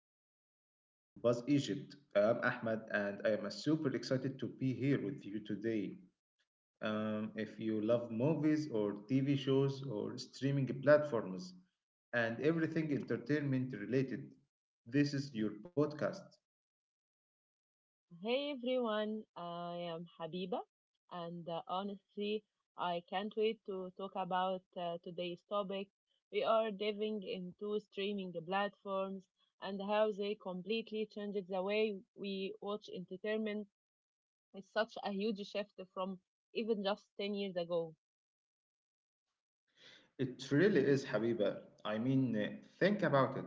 to Entertainment Buzz Egypt. I'm Ahmed and I am super excited to be here with you today. If you love movies or TV shows or streaming platforms and everything entertainment related, this is your podcast. Hey everyone, I am Habiba, and honestly, I can't wait to talk about today's topic. We are diving into streaming platforms and how they completely changed the way we watch entertainment. It's such a huge shift from even just 10 years ago. It really is, Habiba. I mean, think about it.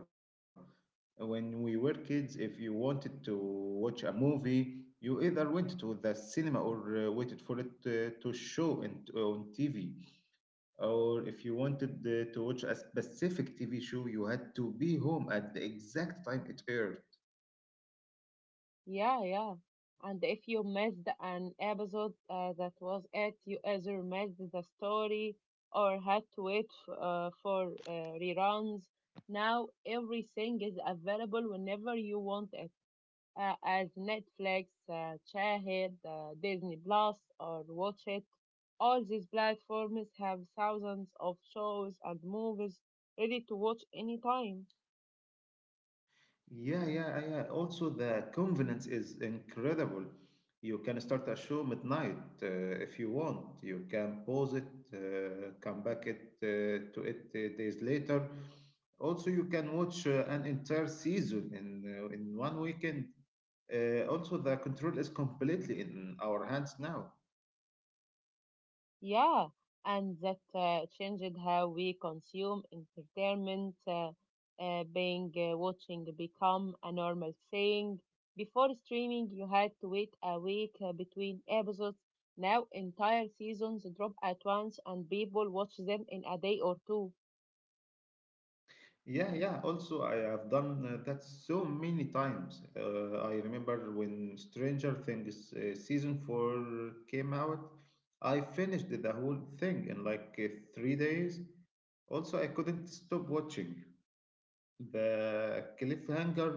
When we were kids, if you wanted to watch a movie, you either went to the cinema or waited for it to show on TV. Or if you wanted to watch a specific TV show, you had to be home at the exact time it aired. Yeah, yeah. And if you missed an episode that was it, you either missed the story or had to wait for reruns. Now everything is available whenever you want it, as Netflix, Shahid, Disney Plus, or Watch It. All these platforms have thousands of shows and movies ready to watch anytime. Yeah, yeah, yeah. Also, the convenience is incredible. You can start a show midnight if you want. You can pause it, come back it to it days later. Also, you can watch an entire season in one weekend. Also, the control is completely in our hands now. Yeah, and that changed how we consume entertainment, being watching become a normal thing. Before streaming, you had to wait a week between episodes. Now, entire seasons drop at once, and people watch them in a day or two. Yeah, yeah. Also, I have done that so many times. I remember when Stranger Things season four came out, I finished the whole thing in like three days. Also, I couldn't stop watching. The cliffhanger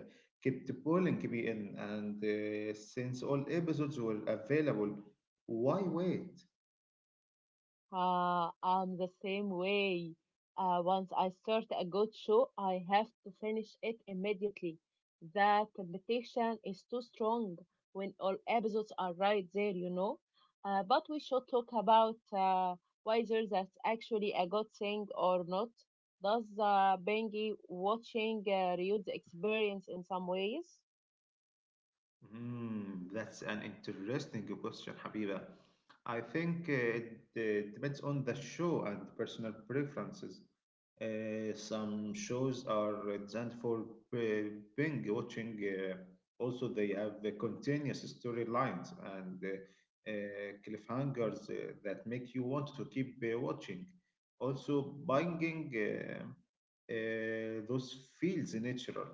uh, kept pulling me in, and since all episodes were available, why wait? I'm the same way. Once I start a good show, I have to finish it immediately. The temptation is too strong when all episodes are right there. But we should talk about whether that's actually a good thing or not. Does Bengi watching reduce the experience in some ways? Hmm, that's an interesting question, Habiba. I think it depends on the show and personal preferences. Some shows are designed for uh, binge watching. Also, they have continuous storylines and cliffhangers that make you want to keep watching. Also, binging, those feels natural.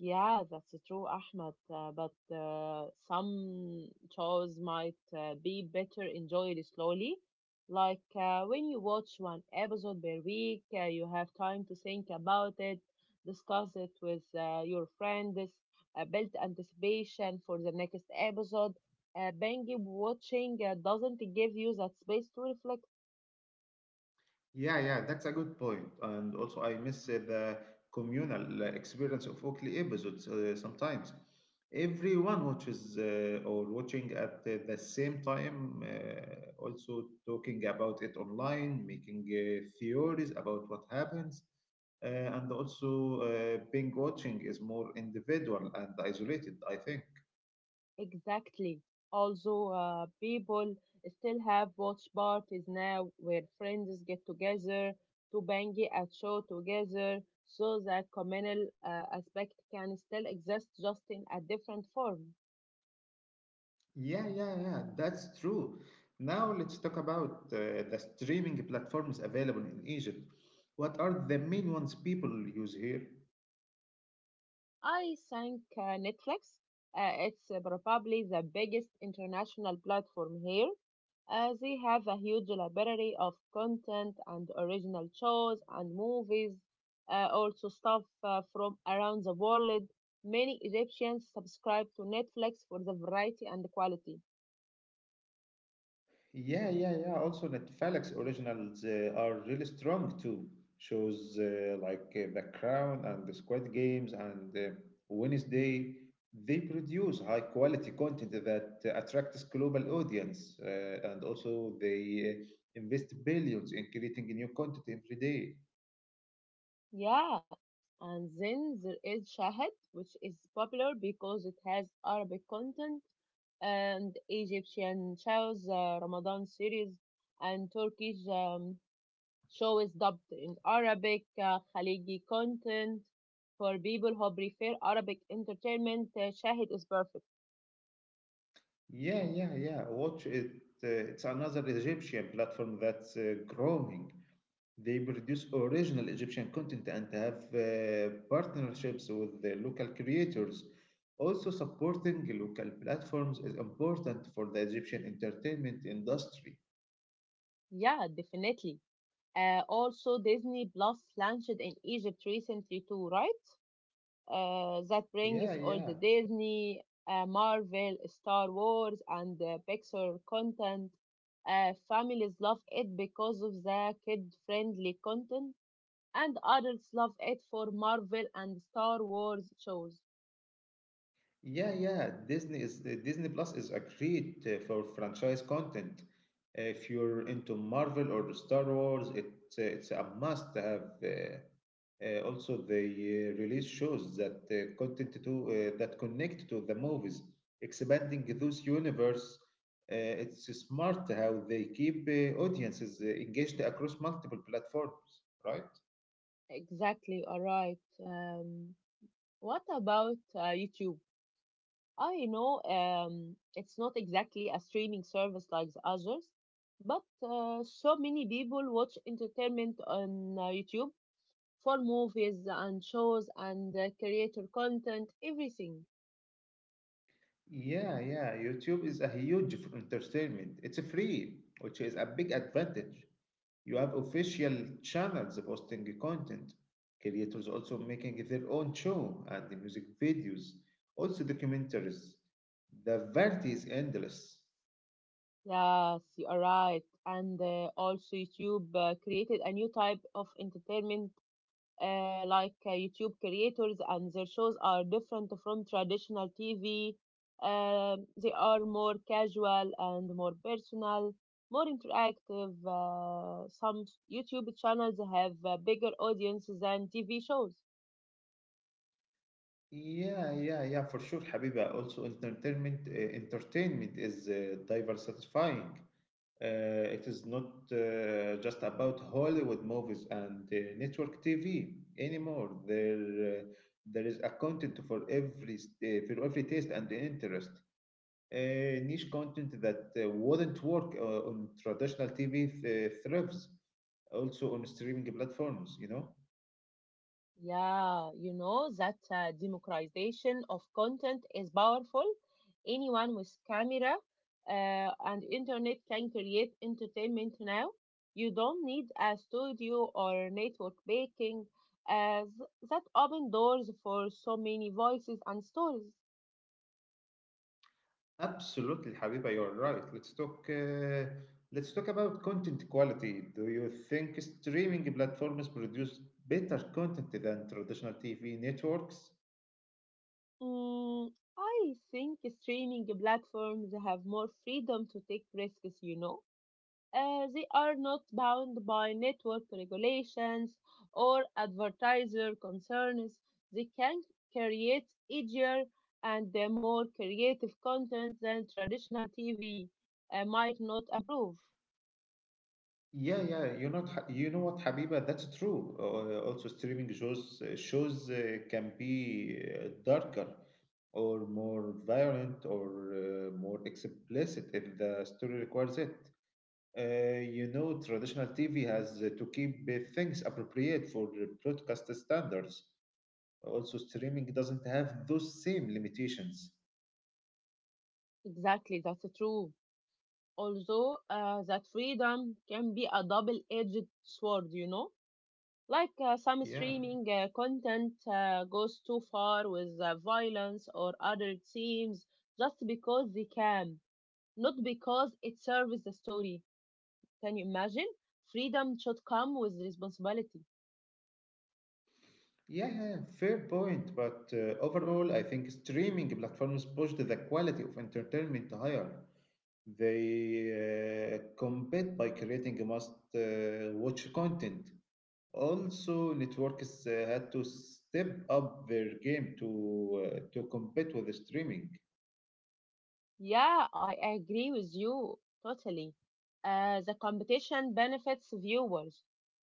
Yeah, that's true, Ahmed. But some shows might be better enjoyed slowly. Like when you watch one episode per week, you have time to think about it, discuss it with your friends, build anticipation for the next episode. Binge watching doesn't give you that space to reflect. Yeah, yeah, that's a good point. And also, I miss the communal experience of Oakley episodes sometimes. Everyone watches or watching at the same time, also talking about it online, making theories about what happens. And also, being watching is more individual and isolated, I think. Exactly. Also, people still have watch parties now where friends get together to bang a show together, so that communal aspect can still exist just in a different form. Yeah, yeah, yeah, that's true. Now let's talk about the streaming platforms available in Egypt. What are the main ones people use here? I think Netflix, it's probably the biggest international platform here. They have a huge library of content and original shows and movies, also stuff from around the world. Many Egyptians subscribe to Netflix for the variety and the quality. Yeah, yeah, yeah. Also, Netflix originals are really strong too. Shows like The Crown and The Squid Games and Wednesday, they produce high quality content that attracts global audience, and also they invest billions in creating new content every day. Yeah, and then there is Shahid, which is popular because it has Arabic content and Egyptian shows, Ramadan series, and Turkish show is dubbed in Arabic, Khaliji content for people who prefer Arabic entertainment. Shahid is perfect. Yeah, yeah, yeah. Watch it. It's another Egyptian platform that's growing. They produce original Egyptian content and have partnerships with the local creators. Also, supporting local platforms is important for the Egyptian entertainment industry. Yeah, definitely. Also, Disney Plus launched in Egypt recently too, right? That Yeah, brings all yeah. the Disney, Marvel, Star Wars, and Pixar content. Families love it because of the kid-friendly content, and adults love it for Marvel and Star Wars shows. Yeah, yeah. Disney is Disney Plus is a great for franchise content. If you're into Marvel or Star Wars, it's a must to have. Also, they release shows that content to that connect to the movies, expanding those universe. It's smart how they keep audiences engaged across multiple platforms, right? Exactly, all right. Um, what about YouTube? I know it's not exactly a streaming service like the others, but so many people watch entertainment on YouTube for movies and shows and creator content, everything. Yeah, yeah. YouTube is a huge entertainment. It's free, which is a big advantage. You have official channels posting content, creators also making their own show and the music videos, also documentaries. The variety is endless. Yes, you are right. And also, YouTube created a new type of entertainment like YouTube creators and their shows are different from traditional TV. They are more casual and more personal, more interactive. Some YouTube channels have a bigger audience than TV shows. Yeah, yeah, yeah, for sure, Habiba. Also, entertainment is diverse, satisfying. It is not just about Hollywood movies and network TV anymore. There is a content for every for every taste and interest. Niche content that wouldn't work on traditional TV thrives also on streaming platforms. You know. Yeah, you know that democratization of content is powerful. Anyone with camera and internet can create entertainment now. You don't need a studio or network baking, as that open doors for so many voices and stories. Absolutely, Habiba, you're right. Let's talk. Let's talk about content quality. Do you think streaming platforms produce better content than traditional TV networks? Mm, I think streaming platforms have more freedom to take risks, you know. They are not bound by network regulations or advertiser concerns. They can create easier and more creative content than traditional TV might not approve. Yeah, yeah. You know what, Habiba? That's true. Also, streaming shows can be darker or more violent or more explicit if the story requires it. You know, traditional TV has to keep things appropriate for the broadcast standards. Also, streaming doesn't have those same limitations. Exactly, that's true. Although that freedom can be a double-edged sword, you know? Like some Yeah. streaming content goes too far with violence or other themes just because they can, not because it serves the story. Can you imagine? Freedom should come with responsibility. Yeah, yeah, fair point. But overall, I think streaming platforms push the quality of entertainment higher. They compete by creating must watch content. Also, networks had to step up their game to compete with the streaming. Yeah, I agree with you totally. The competition benefits viewers.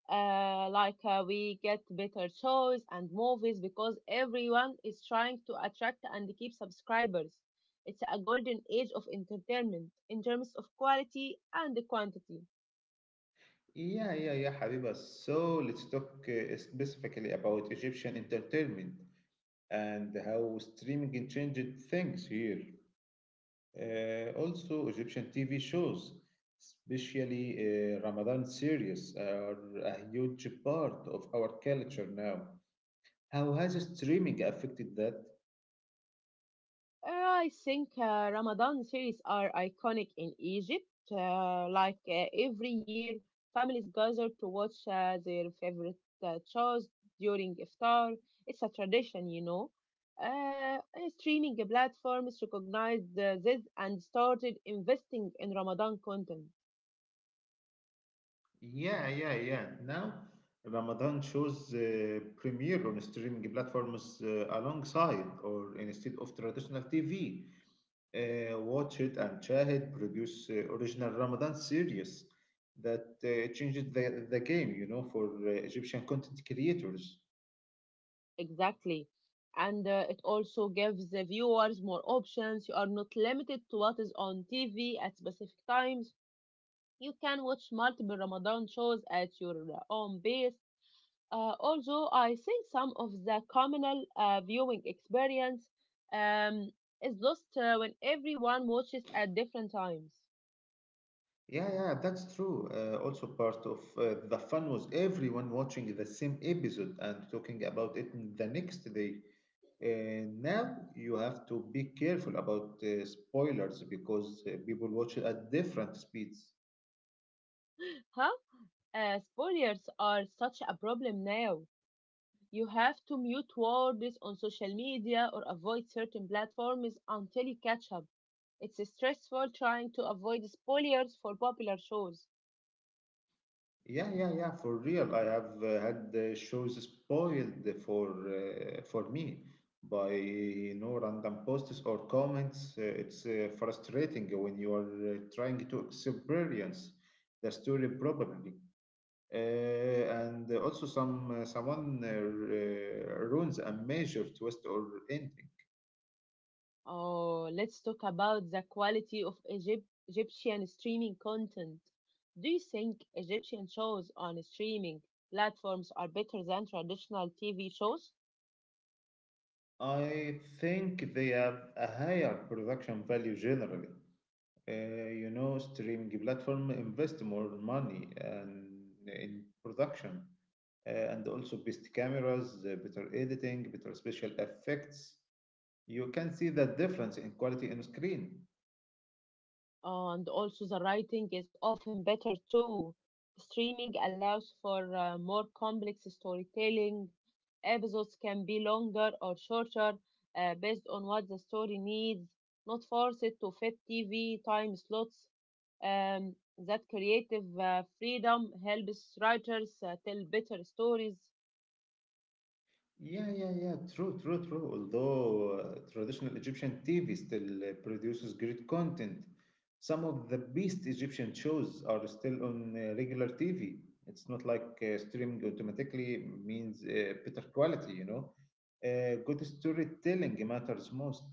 Like we get better shows and movies because everyone is trying to attract and keep subscribers. It's a golden age of entertainment in terms of quality and quantity. Yeah, yeah, yeah, Habiba. So let's talk specifically about Egyptian entertainment and how streaming changed things here. Also, Egyptian TV shows, especially Ramadan series, are a huge part of our culture now. How has streaming affected that? I think Ramadan series are iconic in Egypt. Like every year, families gather to watch their favorite shows during iftar. It's a tradition, you know. And streaming platforms recognized this and started investing in Ramadan content. Yeah, yeah, yeah. Now, Ramadan shows premiere on streaming platforms alongside or instead of traditional TV. Watch it and Shahid produce original Ramadan series that changed the game, you know, for Egyptian content creators. Exactly. And it also gives the viewers more options. You are not limited to what is on TV at specific times. You can watch multiple Ramadan shows at your own pace. Although I think some of the communal viewing experience um, is lost when everyone watches at different times. Yeah, yeah, that's true. Also, part of the fun was everyone watching the same episode and talking about it in the next day. Now you have to be careful about spoilers because people watch it at different speeds. Huh? Spoilers are such a problem now. You have to mute words on social media or avoid certain platforms until you catch up. It's stressful trying to avoid spoilers for popular shows. Yeah, yeah, yeah, for real. I have had the shows spoiled for me by you know random posts or comments. It's frustrating when you are trying to experience the story properly. And also someone ruins a major twist or ending. Oh, let's talk about the quality of Egypt, Egyptian streaming content. Do you think Egyptian shows on streaming platforms are better than traditional TV shows? I think they have a higher production value generally. You know, streaming platform invest more money and in production, and also best cameras, better editing, better special effects. You can see the difference in quality on screen. And also the writing is often better too. Streaming allows for more complex storytelling. Episodes can be longer or shorter based on what the story needs, not forced to fit TV time slots. Um, that creative freedom helps writers tell better stories. Yeah, yeah, yeah. True, true, true. Although traditional Egyptian TV still produces great content, some of the best Egyptian shows are still on regular TV. It's not like streaming automatically means better quality, you know. Good storytelling matters most.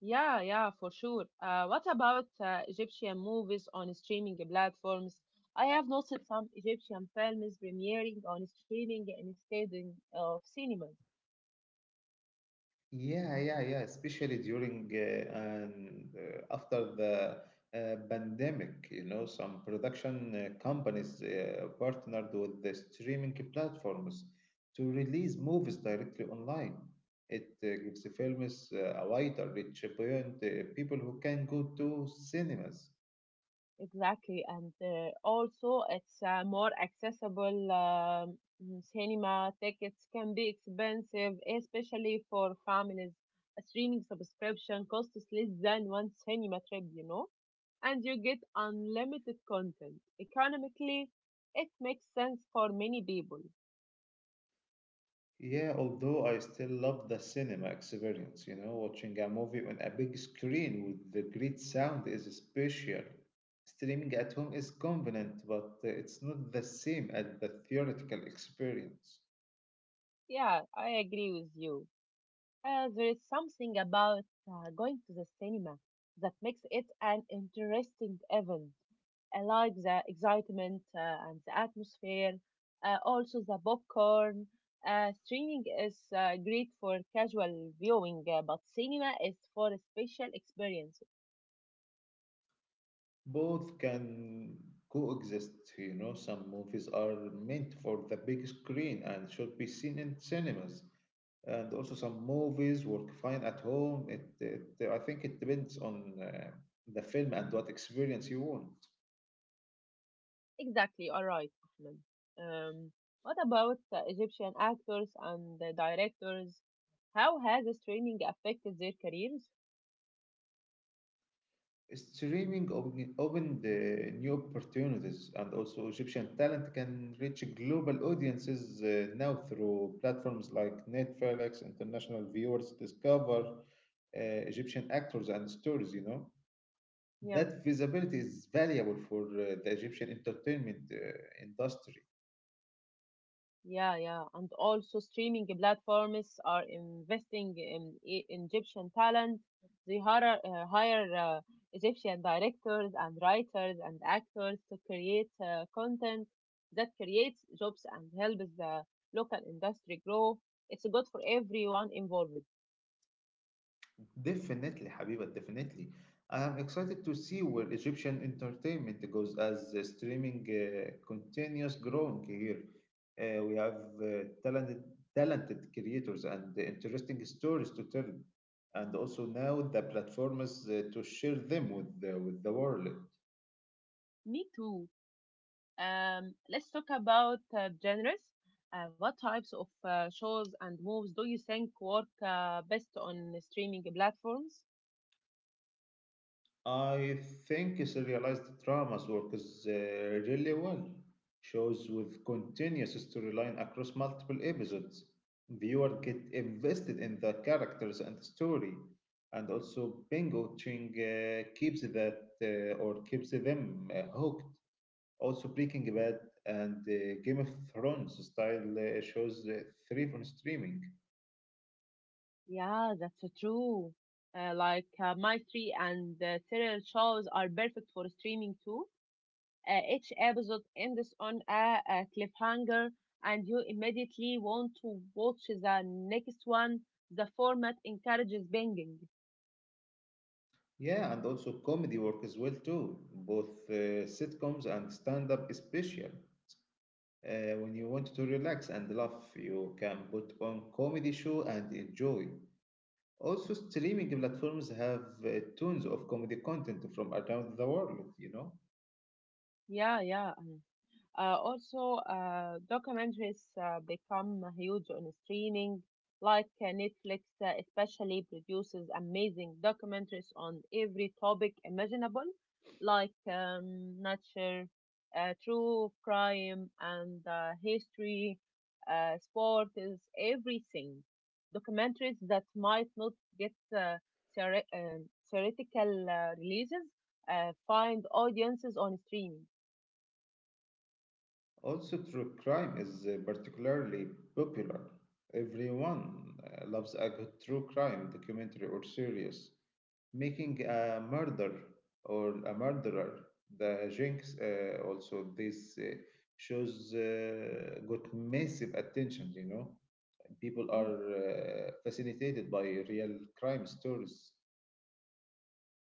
Yeah, yeah, for sure. What about Egyptian movies on streaming platforms? I have noticed some Egyptian films premiering on streaming instead of cinemas. Yeah, yeah, yeah. Especially during and after the pandemic, you know, some production companies partnered with the streaming platforms to release movies directly online. It gives the films a wider reach beyond people who can go to cinemas. Exactly, and also it's more accessible. Cinema tickets can be expensive, especially for families. A streaming subscription costs less than one cinema trip, you know? And you get unlimited content. Economically, it makes sense for many people. Yeah, although I still love the cinema experience, you know, watching a movie on a big screen with the great sound is special. Streaming at home is convenient, but it's not the same as the theoretical experience. Yeah, I agree with you. There is something about going to the cinema that makes it an interesting event. I like the excitement and the atmosphere, also the popcorn. Streaming is great for casual viewing, but cinema is for a special experience. Both can coexist, you know, some movies are meant for the big screen and should be seen in cinemas. And also some movies work fine at home. It I think it depends on the film and what experience you want. Exactly, you are right, Ahmed. Um, what about Egyptian actors and directors? How has this training affected their careers? Opened new opportunities, and also Egyptian talent can reach global audiences now through platforms like Netflix. International viewers discover Egyptian actors and stories, you know. Yeah, That visibility is valuable for the Egyptian entertainment industry. yeah, yeah. And also, streaming platforms are investing in Egyptian talent. They hire, Egyptian directors and writers and actors to create content that creates jobs and helps the local industry grow. It's good for everyone involved. Definitely, Habiba, definitely. I am excited to see where Egyptian entertainment goes as the streaming continues growing here. We have talented creators and interesting stories to tell, and also now the platforms to share them with with the world. Me too. Let's talk about genres. What types of shows and movies do you think work best on streaming platforms? I think serialized dramas works really well. Shows with continuous storyline across multiple episodes. Viewer get invested in the characters and the story, and also binge watching keeps that or keeps them hooked. Also, Breaking Bad and Game of Thrones style shows three from streaming. Yeah, that's true. Like mystery and serial shows are perfect for streaming too. Each episode ends on a cliffhanger, and you immediately want to watch the next one. The format encourages binging. Yeah, and also comedy work as well too, both sitcoms and stand-up special. When you want to relax and laugh, you can put on comedy show and enjoy. Also, streaming platforms have tons of comedy content from around the world, you know. Yeah, yeah. Also, documentaries become huge on streaming, like Netflix, especially produces amazing documentaries on every topic imaginable, like nature, true crime, and history, sport is everything. Documentaries that might not get theoretical releases find audiences on streaming. Also, true crime is particularly popular. Everyone loves a good true crime documentary or series. Making a murder or a murderer, the jinx, also, these shows got massive attention, you know. People Hmm. are facilitated by real crime stories.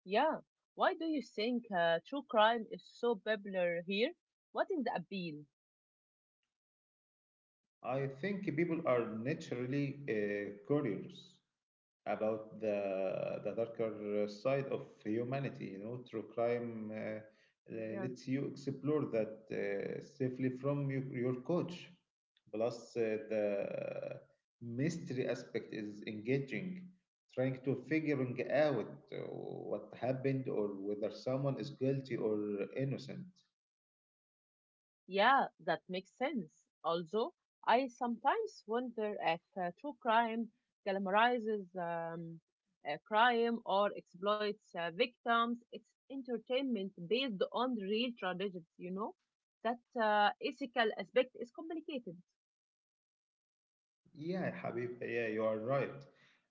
Yeah. Why do you think true crime is so popular here? What is the appeal? I think people are naturally curious about the darker side of humanity. You know, true crime Yeah. lets you explore that safely from your coach. Plus, the mystery aspect is engaging trying to figuring out what happened or whether someone is guilty or innocent. Yeah, that makes sense. Also, I sometimes wonder if true crime glamorizes crime or exploits victims. It's entertainment based on real tragedies, you know? That ethical aspect is complicated. Yeah, Habib, yeah, you are right.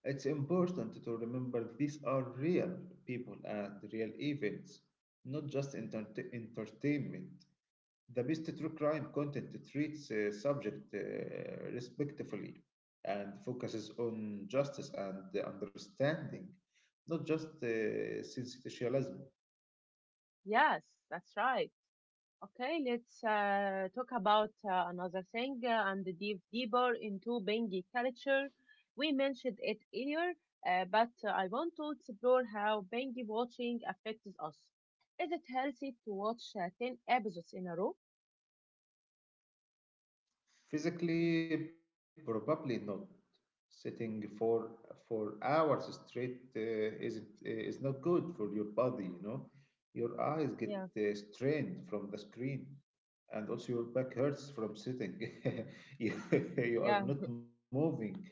It's important to remember these are real people and real events, not just entertainment. The best true crime content treats a subject respectfully and focuses on justice and understanding, not just sensationalism. Yes, that's right. Okay, let's talk about another thing and dive deeper into Bengi culture. We mentioned it earlier, but I want to explore how Bengi watching affects us. Is it healthy to watch 10 episodes in a row? Physically, probably not. Sitting For hours straight is not good for your body, you know. Your eyes Yeah, get strained from the screen, and also your back hurts from sitting. you, yeah, you are not moving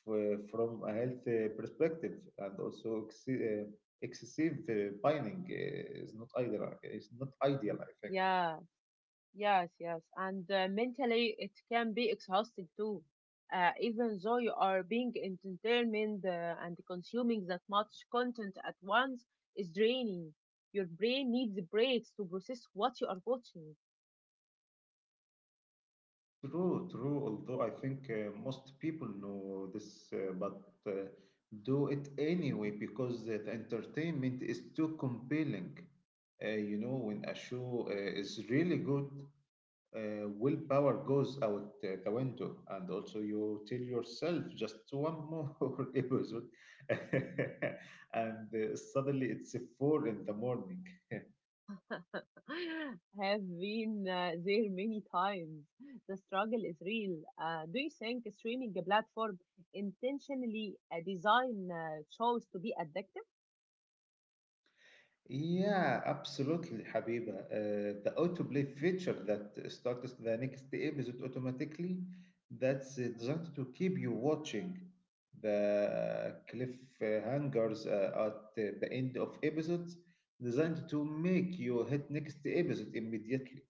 from a health perspective, and also excessive pining is not ideal. It's not ideal, I think. yeah. Yes, yes. And mentally, it can be exhausting too. Even though you are being entertained and consuming that much content at once is draining. Your brain needs breaks to process what you are watching. True, true. Although I think most people know this, but uh, do it anyway because the entertainment is too compelling. When a show is really good, willpower goes out the window, and also you tell yourself just one more episode, and suddenly it's four in the morning. Have been there many times. The struggle is real. Do you think streaming platform intentionally design shows to be addictive? Yeah, absolutely, Habiba. The autoplay feature that starts the next episode automatically, that's designed to keep you watching. The cliffhangers at the end of episodes designed to make you hit next episode immediately.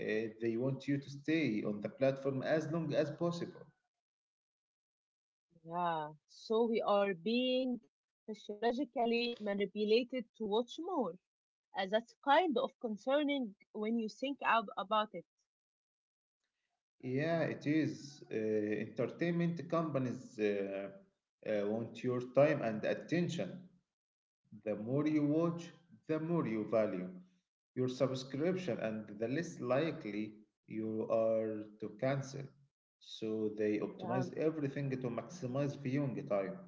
They want you to stay on the platform as long as possible. Yeah, so we are being psychologically manipulated to watch more. That's kind of concerning when you think about it. Yeah, it is. Entertainment companies want your time and attention. The more you watch, the more you value your subscription, and the less likely you are to cancel. So they Yeah, optimize everything to maximize viewing time.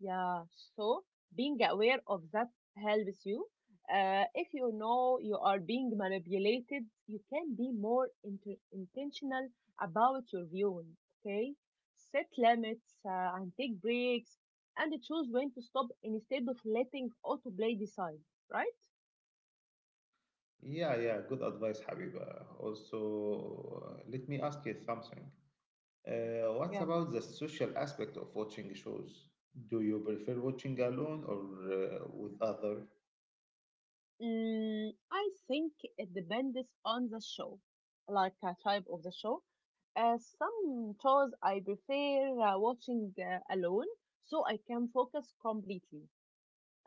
yeah. So being aware of that helps you. If you know you are being manipulated, you can be more intentional about your viewing. Okay, set limits and take breaks, and choose when to stop instead of letting autoplay decide. Right? Yeah, yeah, good advice, Habiba. Also, let me ask you something. What Yeah. about the social aspect of watching shows? Do you prefer watching alone or with other? Mm, I think it depends on the show, like a type of the show. Some shows I prefer watching alone so I can focus completely.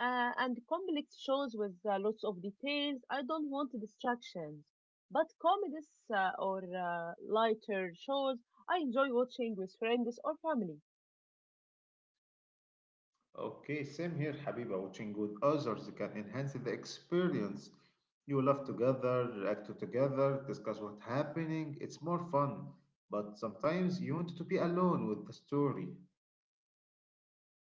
And complex shows with lots of details, I don't want distractions. But comedies or lighter shows, I enjoy watching with friends or family. Okay, same here, Habiba. Watching with others can enhance the experience. You laugh together, react together, discuss what's happening. It's more fun. But sometimes you want to be alone with the story.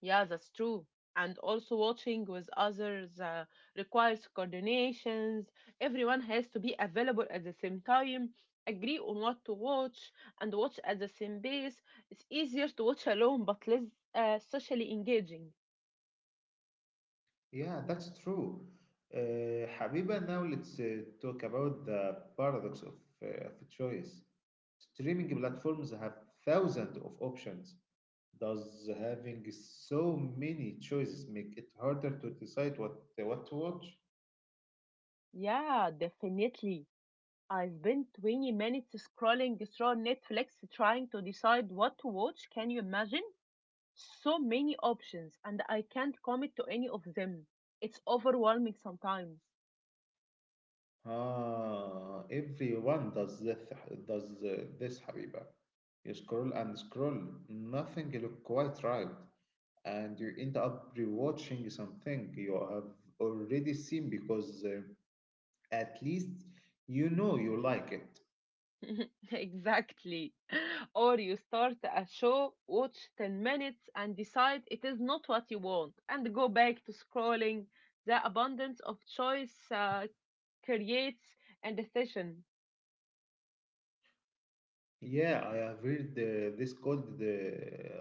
Yeah, that's true. And also watching with others requires coordinations. Everyone has to be available at the same time, agree on what to watch, and watch at the same pace. It's easier to watch alone, but less socially engaging. Yeah, that's true. Habiba, now let's talk about the paradox of choice. Streaming platforms have thousands of options. Does having so many choices make it harder to decide what to watch? Yeah, definitely. I spent 20 minutes scrolling through Netflix trying to decide what to watch. Can you imagine? So many options, and I can't commit to any of them. It's overwhelming sometimes. Ah, everyone does this, Habiba. You scroll and scroll, nothing look quite right, and you end up rewatching something you have already seen because at least you know you like it. Exactly. Or you start a show, watch 10 minutes, and decide it is not what you want, and go back to scrolling. The abundance of choice creates and decision. Yeah, I have read this called the,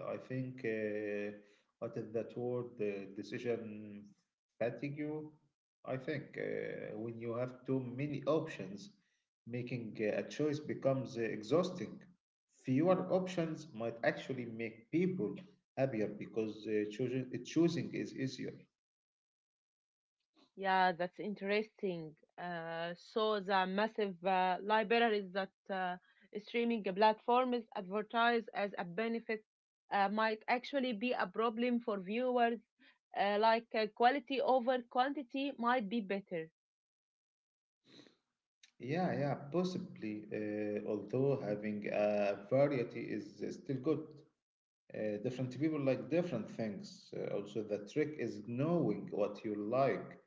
I think, what is that word? The decision fatigue. I think when you have too many options, making a choice becomes exhausting. Fewer options might actually make people happier because choosing is easier. Yeah, that's interesting. So the massive libraries that streaming platforms advertise as a benefit might actually be a problem for viewers. Like quality over quantity might be better. Yeah, yeah, possibly. Although having a variety is still good. Different people like different things. Also, the trick is knowing what you like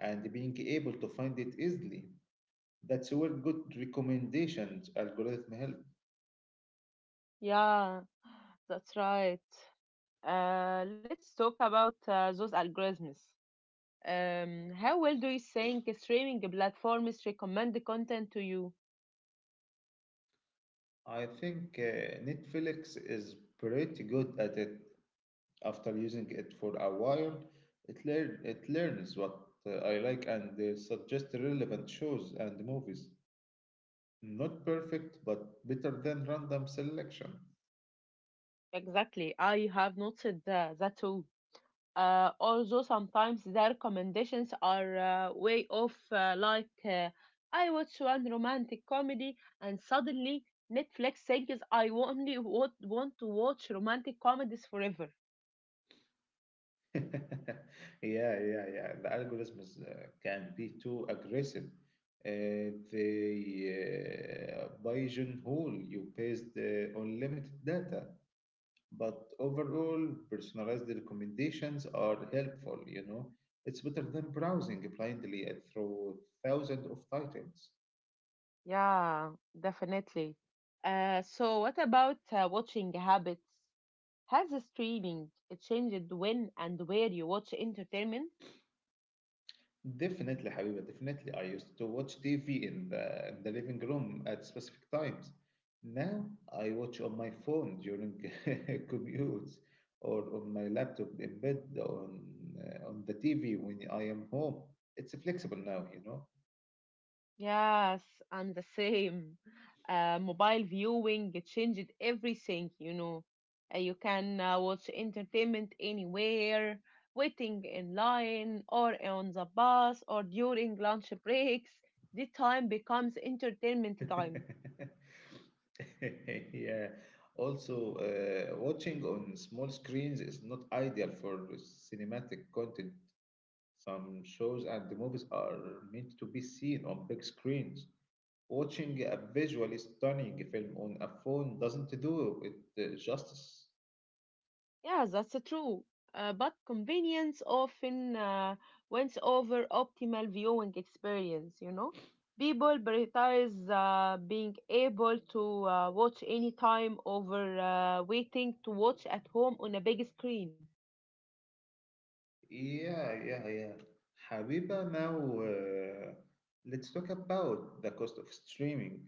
and being able to find it easily. That's where good recommendations algorithm help. Yeah, that's right. Let's talk about those algorithms. How well do you think streaming platforms recommend the content to you? I think Netflix is pretty good at it. After using it for a while, it learns what I like and suggests relevant shows and movies. Not perfect, but better than random selection. Exactly, I have noted that too. Although sometimes their recommendations are way off, like I watch one romantic comedy and suddenly Netflix thinks I only want to watch romantic comedies forever. Yeah, yeah, yeah. The algorithms can be too aggressive. They pigeonhole you based on limited data, but overall, personalized recommendations are helpful, It's better than browsing blindly through thousands of titles. Yeah, definitely. So what about watching habits? Has the streaming it changed when and where you watch entertainment? Definitely, Habiba, definitely. I used to watch TV in the living room at specific times. Now I watch on my phone during commutes or on my laptop in bed on the TV when I am home. It's flexible now, you know. Yes, I'm the same. Mobile viewing it changed everything, you know. You can watch entertainment anywhere, waiting in line, or on the bus, or during lunch breaks. The time becomes entertainment time. Yeah. Also, watching on small screens is not ideal for cinematic content. Some shows and the movies are meant to be seen on big screens. Watching a visually stunning film on a phone doesn't do it justice. Yeah, that's true. But convenience often wins over optimal viewing experience, you know. People prioritize being able to watch anytime over waiting to watch at home on a big screen. Yeah, yeah, yeah. Habiba, now uh, let's talk about the cost of streaming.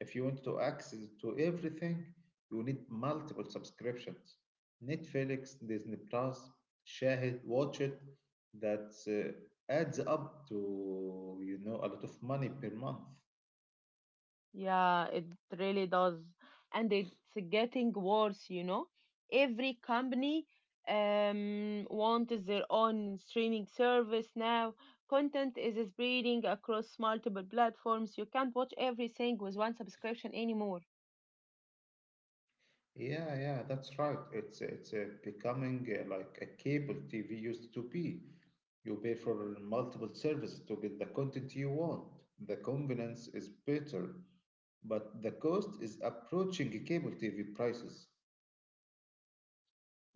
If you want to access to everything, you need multiple subscriptions. Netflix, Disney Plus, Shahid, Watch It. That adds up to, you know, a lot of money per month. Yeah, it really does. And it's getting worse, you know. Every company wants their own streaming service now. Content is spreading across multiple platforms. You can't watch everything with one subscription anymore. Yeah, yeah, that's right. It's becoming like a cable TV used to be. You pay for multiple services to get the content you want. The convenience is better, but the cost is approaching cable TV prices.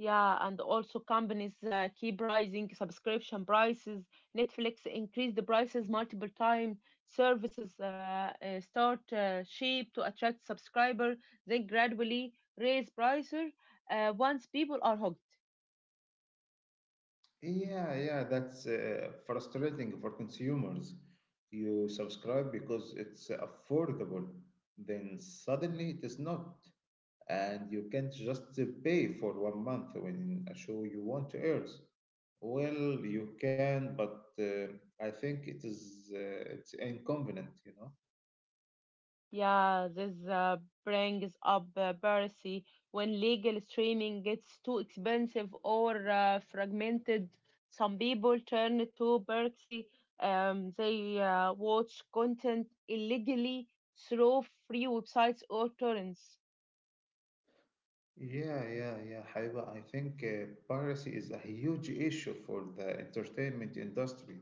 Yeah, and also companies keep rising subscription prices. Netflix increased the prices multiple times. Services start cheap to attract subscriber, then gradually raise prices once people are hooked. Yeah, yeah, that's frustrating for consumers. You subscribe because it's affordable, then suddenly it is not, and you can't just pay for 1 month when a show you want airs. Well, you can, but I think it is it's inconvenient, you know. Yeah, this brings up piracy when legal streaming gets too expensive or fragmented. Some people turn to piracy. They watch content illegally through free websites or torrents. Yeah, yeah, yeah, Haiba. I think piracy is a huge issue for the entertainment industry.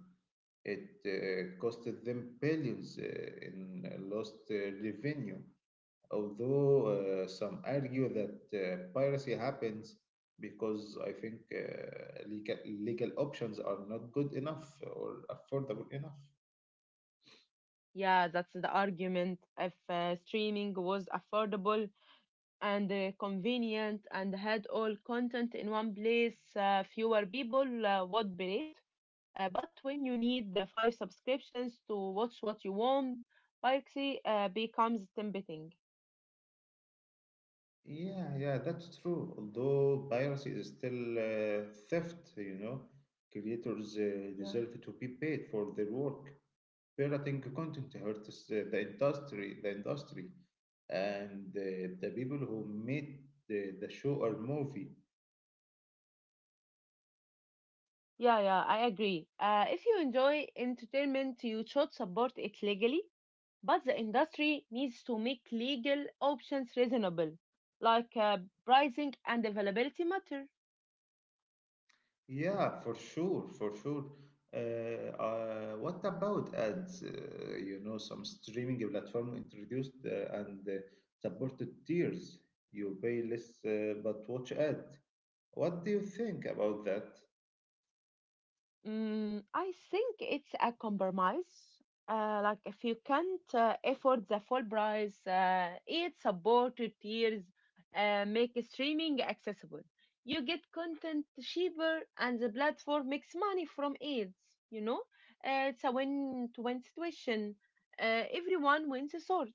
It costed them billions in lost revenue, although some argue that piracy happens because I think legal options are not good enough or affordable enough. Yeah, that's the argument. If streaming was affordable, and convenient and had all content in one place, fewer people would be it. But when you need the five subscriptions to watch what you want, piracy becomes tempting. Yeah, yeah, that's true. Although piracy is still theft, you know, creators Yeah. deserve to be paid for their work. Pirating content hurts the industry, and the people who made the show or movie. Yeah, yeah, I agree. If you enjoy entertainment, you should support it legally, but the industry needs to make legal options reasonable, like pricing and availability matter. Yeah, for sure, for sure. What about ads? Some streaming platform introduced and supported tiers. You pay less but watch ads. What do you think about that? I think it's a compromise. Like if you can't afford the full price, it supported tiers make streaming accessible. You get content cheaper, and the platform makes money from ads. You know, it's a win-to-win situation. Everyone wins a sort.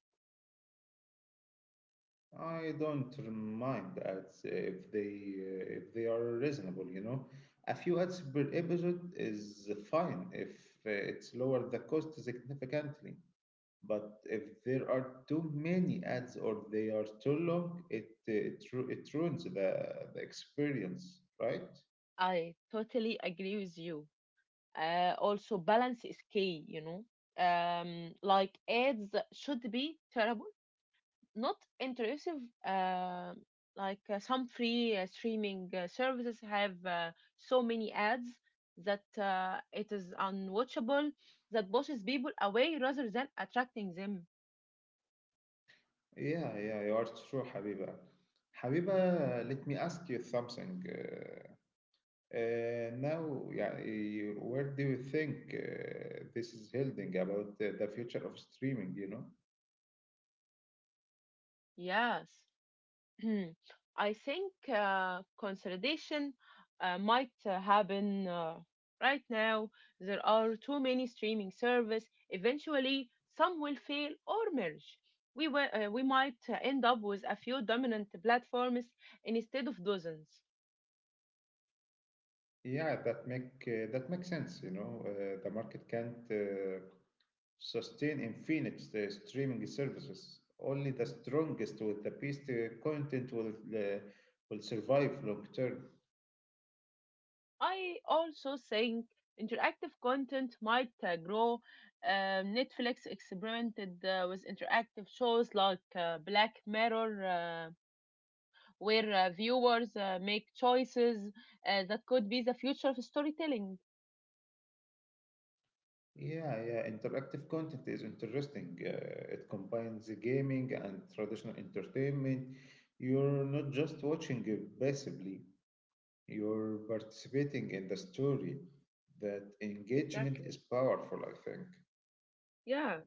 I don't mind ads if they are reasonable. You know, a few ads per episode is fine if it's lower the cost significantly. But if there are too many ads or they are too long, it ruins the experience, right? I totally agree with you. Also, balance is key. You know, like ads should be terrible not intrusive. Uh, like some free streaming services have so many ads that it is unwatchable, that pushes people away rather than attracting them. Yeah, yeah, you are true, Habiba. Habiba, let me ask you something. Uh, now, yeah, where do you think this is heading about the future of streaming, you know? Yes. Hmm. I think consolidation might happen right now. There are too many streaming service. Eventually, some will fail or merge. We might end up with a few dominant platforms instead of dozens. Yeah, that makes sense, you know. The market can't sustain in Phoenix the streaming services. Only the strongest with the best content uh, will survive long term. I also think interactive content might grow. Netflix experimented with interactive shows like Black Mirror, where viewers make choices that could be the future of storytelling. Yeah, yeah. Interactive content is interesting. It combines the gaming and traditional entertainment. You're not just watching it passively. You're participating in the story. That engagement is Exactly. powerful, I think. Yeah.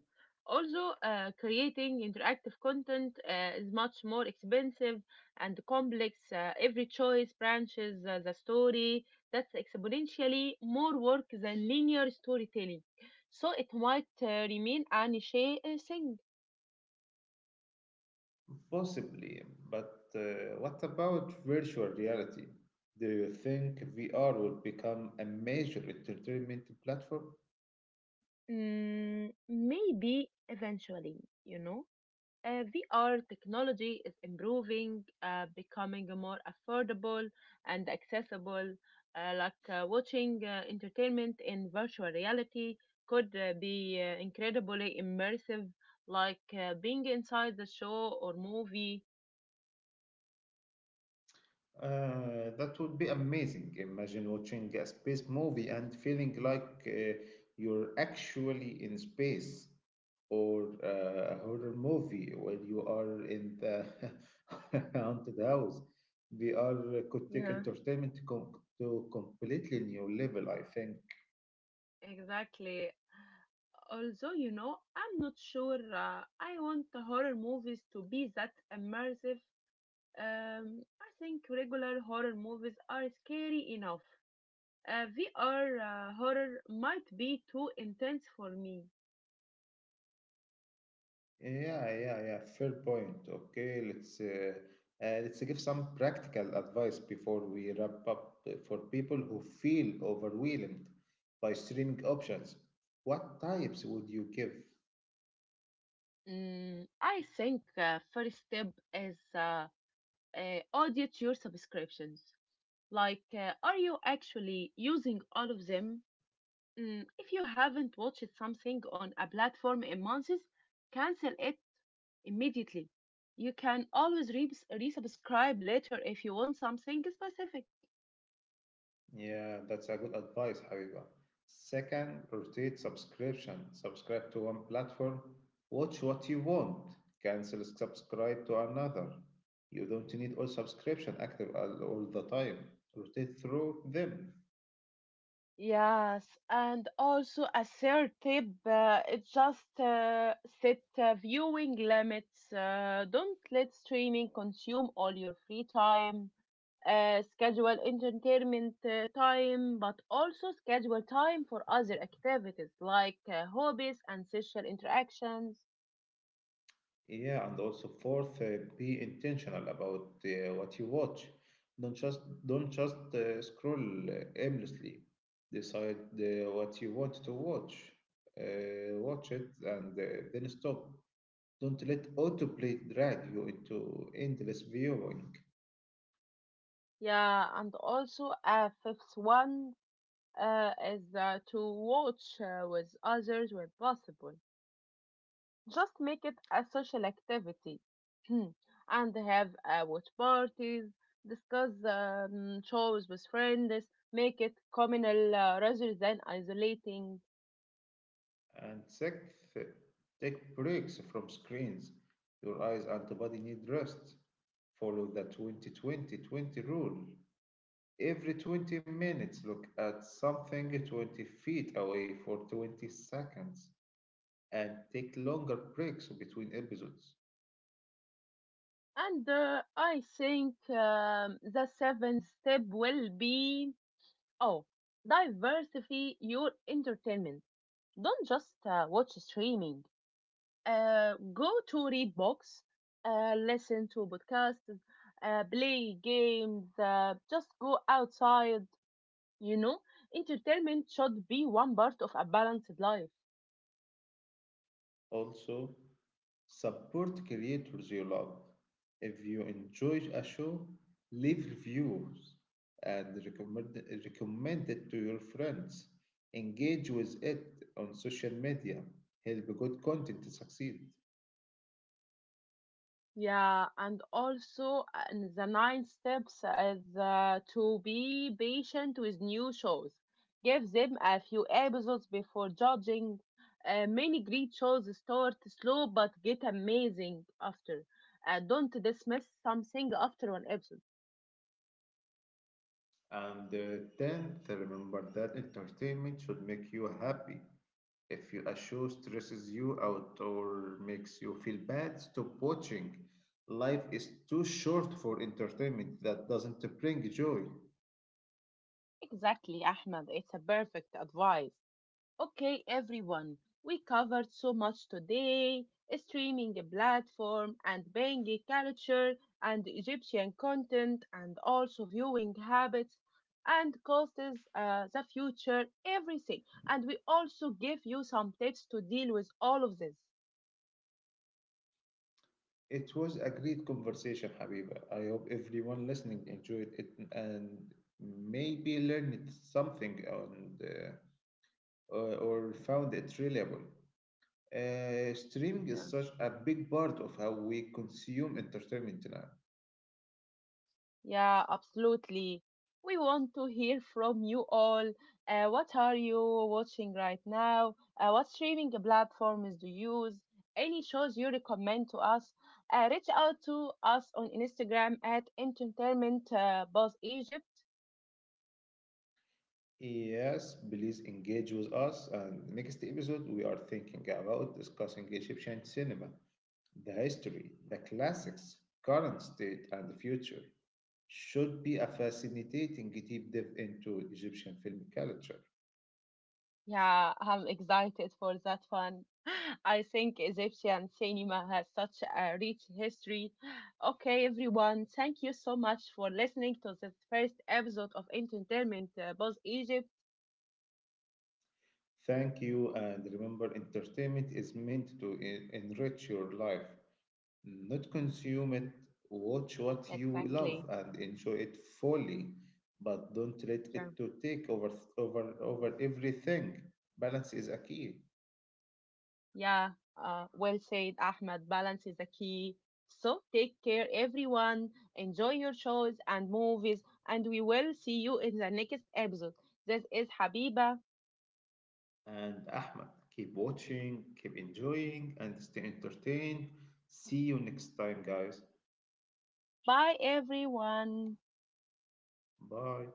Also, creating interactive content is much more expensive and complex. Every choice branches the story. That's exponentially more work than linear storytelling. So it might remain a niche thing. Possibly, but what about virtual reality? Do you think VR will become a major entertainment platform? Maybe eventually, you know. VR technology is improving, becoming more affordable and accessible. Like watching entertainment in virtual reality could be incredibly immersive, like being inside the show or movie. That would be amazing. Imagine watching a space movie and feeling like you're actually in space, or a horror movie where you are in the haunted house. VR could take Yeah. entertainment to completely new level, I think. Exactly. Although, you know, I'm not sure I want the horror movies to be that immersive. I think regular horror movies are scary enough. VR horror might be too intense for me. Yeah, yeah, yeah. Fair point. Okay, let's give some practical advice before we wrap up for people who feel overwhelmed by streaming options. What types would you give? I think first step is audit your subscriptions. Like are you actually using all of them? If you haven't watched something on a platform in months, cancel it immediately. You can always resubscribe later if you want something specific. Yeah, that's a good advice, Habiba. Second, rotate subscription. Subscribe to one platform, watch what you want, cancel subscribe to another. You don't need all subscription active all the time. Rotate through them. Yes, and also assertive. It's just set viewing limits. Don't let streaming consume all your free time. Schedule entertainment time, but also schedule time for other activities like hobbies and social interactions. Yeah, and also fourth, be intentional about what you watch. Don't just don't just scroll aimlessly. Decide what you want to watch, watch it, and then stop. Don't let autoplay drag you into endless viewing. Yeah, and also a fifth one is to watch with others when possible. Just make it a social activity and have watch parties, discuss shows with friends, make it communal rather than isolating. And sixth, take breaks from screens. Your eyes and the body need rest. Follow the 20-20-20 rule. Every 20 minutes, look at something 20 feet away for 20 seconds and take longer breaks between episodes. And I think the seventh step will be oh, diversify your entertainment. Don't just watch streaming. Go to read books, listen to podcasts, play games, just go outside, you know. Entertainment should be one part of a balanced life. Also, support creators you love. If you enjoyed a show, leave reviews and recommend it to your friends. Engage with it on social media. Help good content to succeed. Yeah, and also and the nine steps is to be patient with new shows. Give them a few episodes before judging. Many great shows start slow but get amazing after. Don't dismiss something after one episode. And tenth, remember that entertainment should make you happy. If you, a show stresses you out or makes you feel bad, stop watching. Life is too short for entertainment that doesn't bring joy. Exactly, Ahmed. It's a perfect advice. Okay, everyone, we covered so much today: streaming platform and Bengi culture and Egyptian content and also viewing habits and costs, the future, everything. And we also give you some tips to deal with all of this. It was a great conversation, Habiba. I hope everyone listening enjoyed it and maybe learned something on or found it reliable. Streaming is Yeah. such a big part of how we consume entertainment now. Yeah, absolutely. We want to hear from you all. What are you watching right now? What streaming platforms do you use? Any shows you recommend to us? Reach out to us on Instagram at Entertainment Boss Egypt. Yes, please engage with us. And next episode, we are thinking about discussing Egyptian cinema, the history, the classics, current state, and the future. Should be a fascinating deep dive into Egyptian film culture. Yeah, I'm excited for that one. I think Egyptian cinema has such a rich history. Okay, everyone, thank you so much for listening to this first episode of Entertainment Both Egypt. Thank you, and remember, entertainment is meant to enrich your life, not consume it, watch what you love Exactly. and enjoy it fully, but don't let Yeah. it to take over everything. Balance is a key. Yeah. Well said, Ahmed. Balance is the key. So take care, everyone. Enjoy your shows and movies, and we will see you in the next episode. This is Habiba. And Ahmed, keep watching, keep enjoying, and stay entertained. See you next time, guys. Bye, everyone. Bye.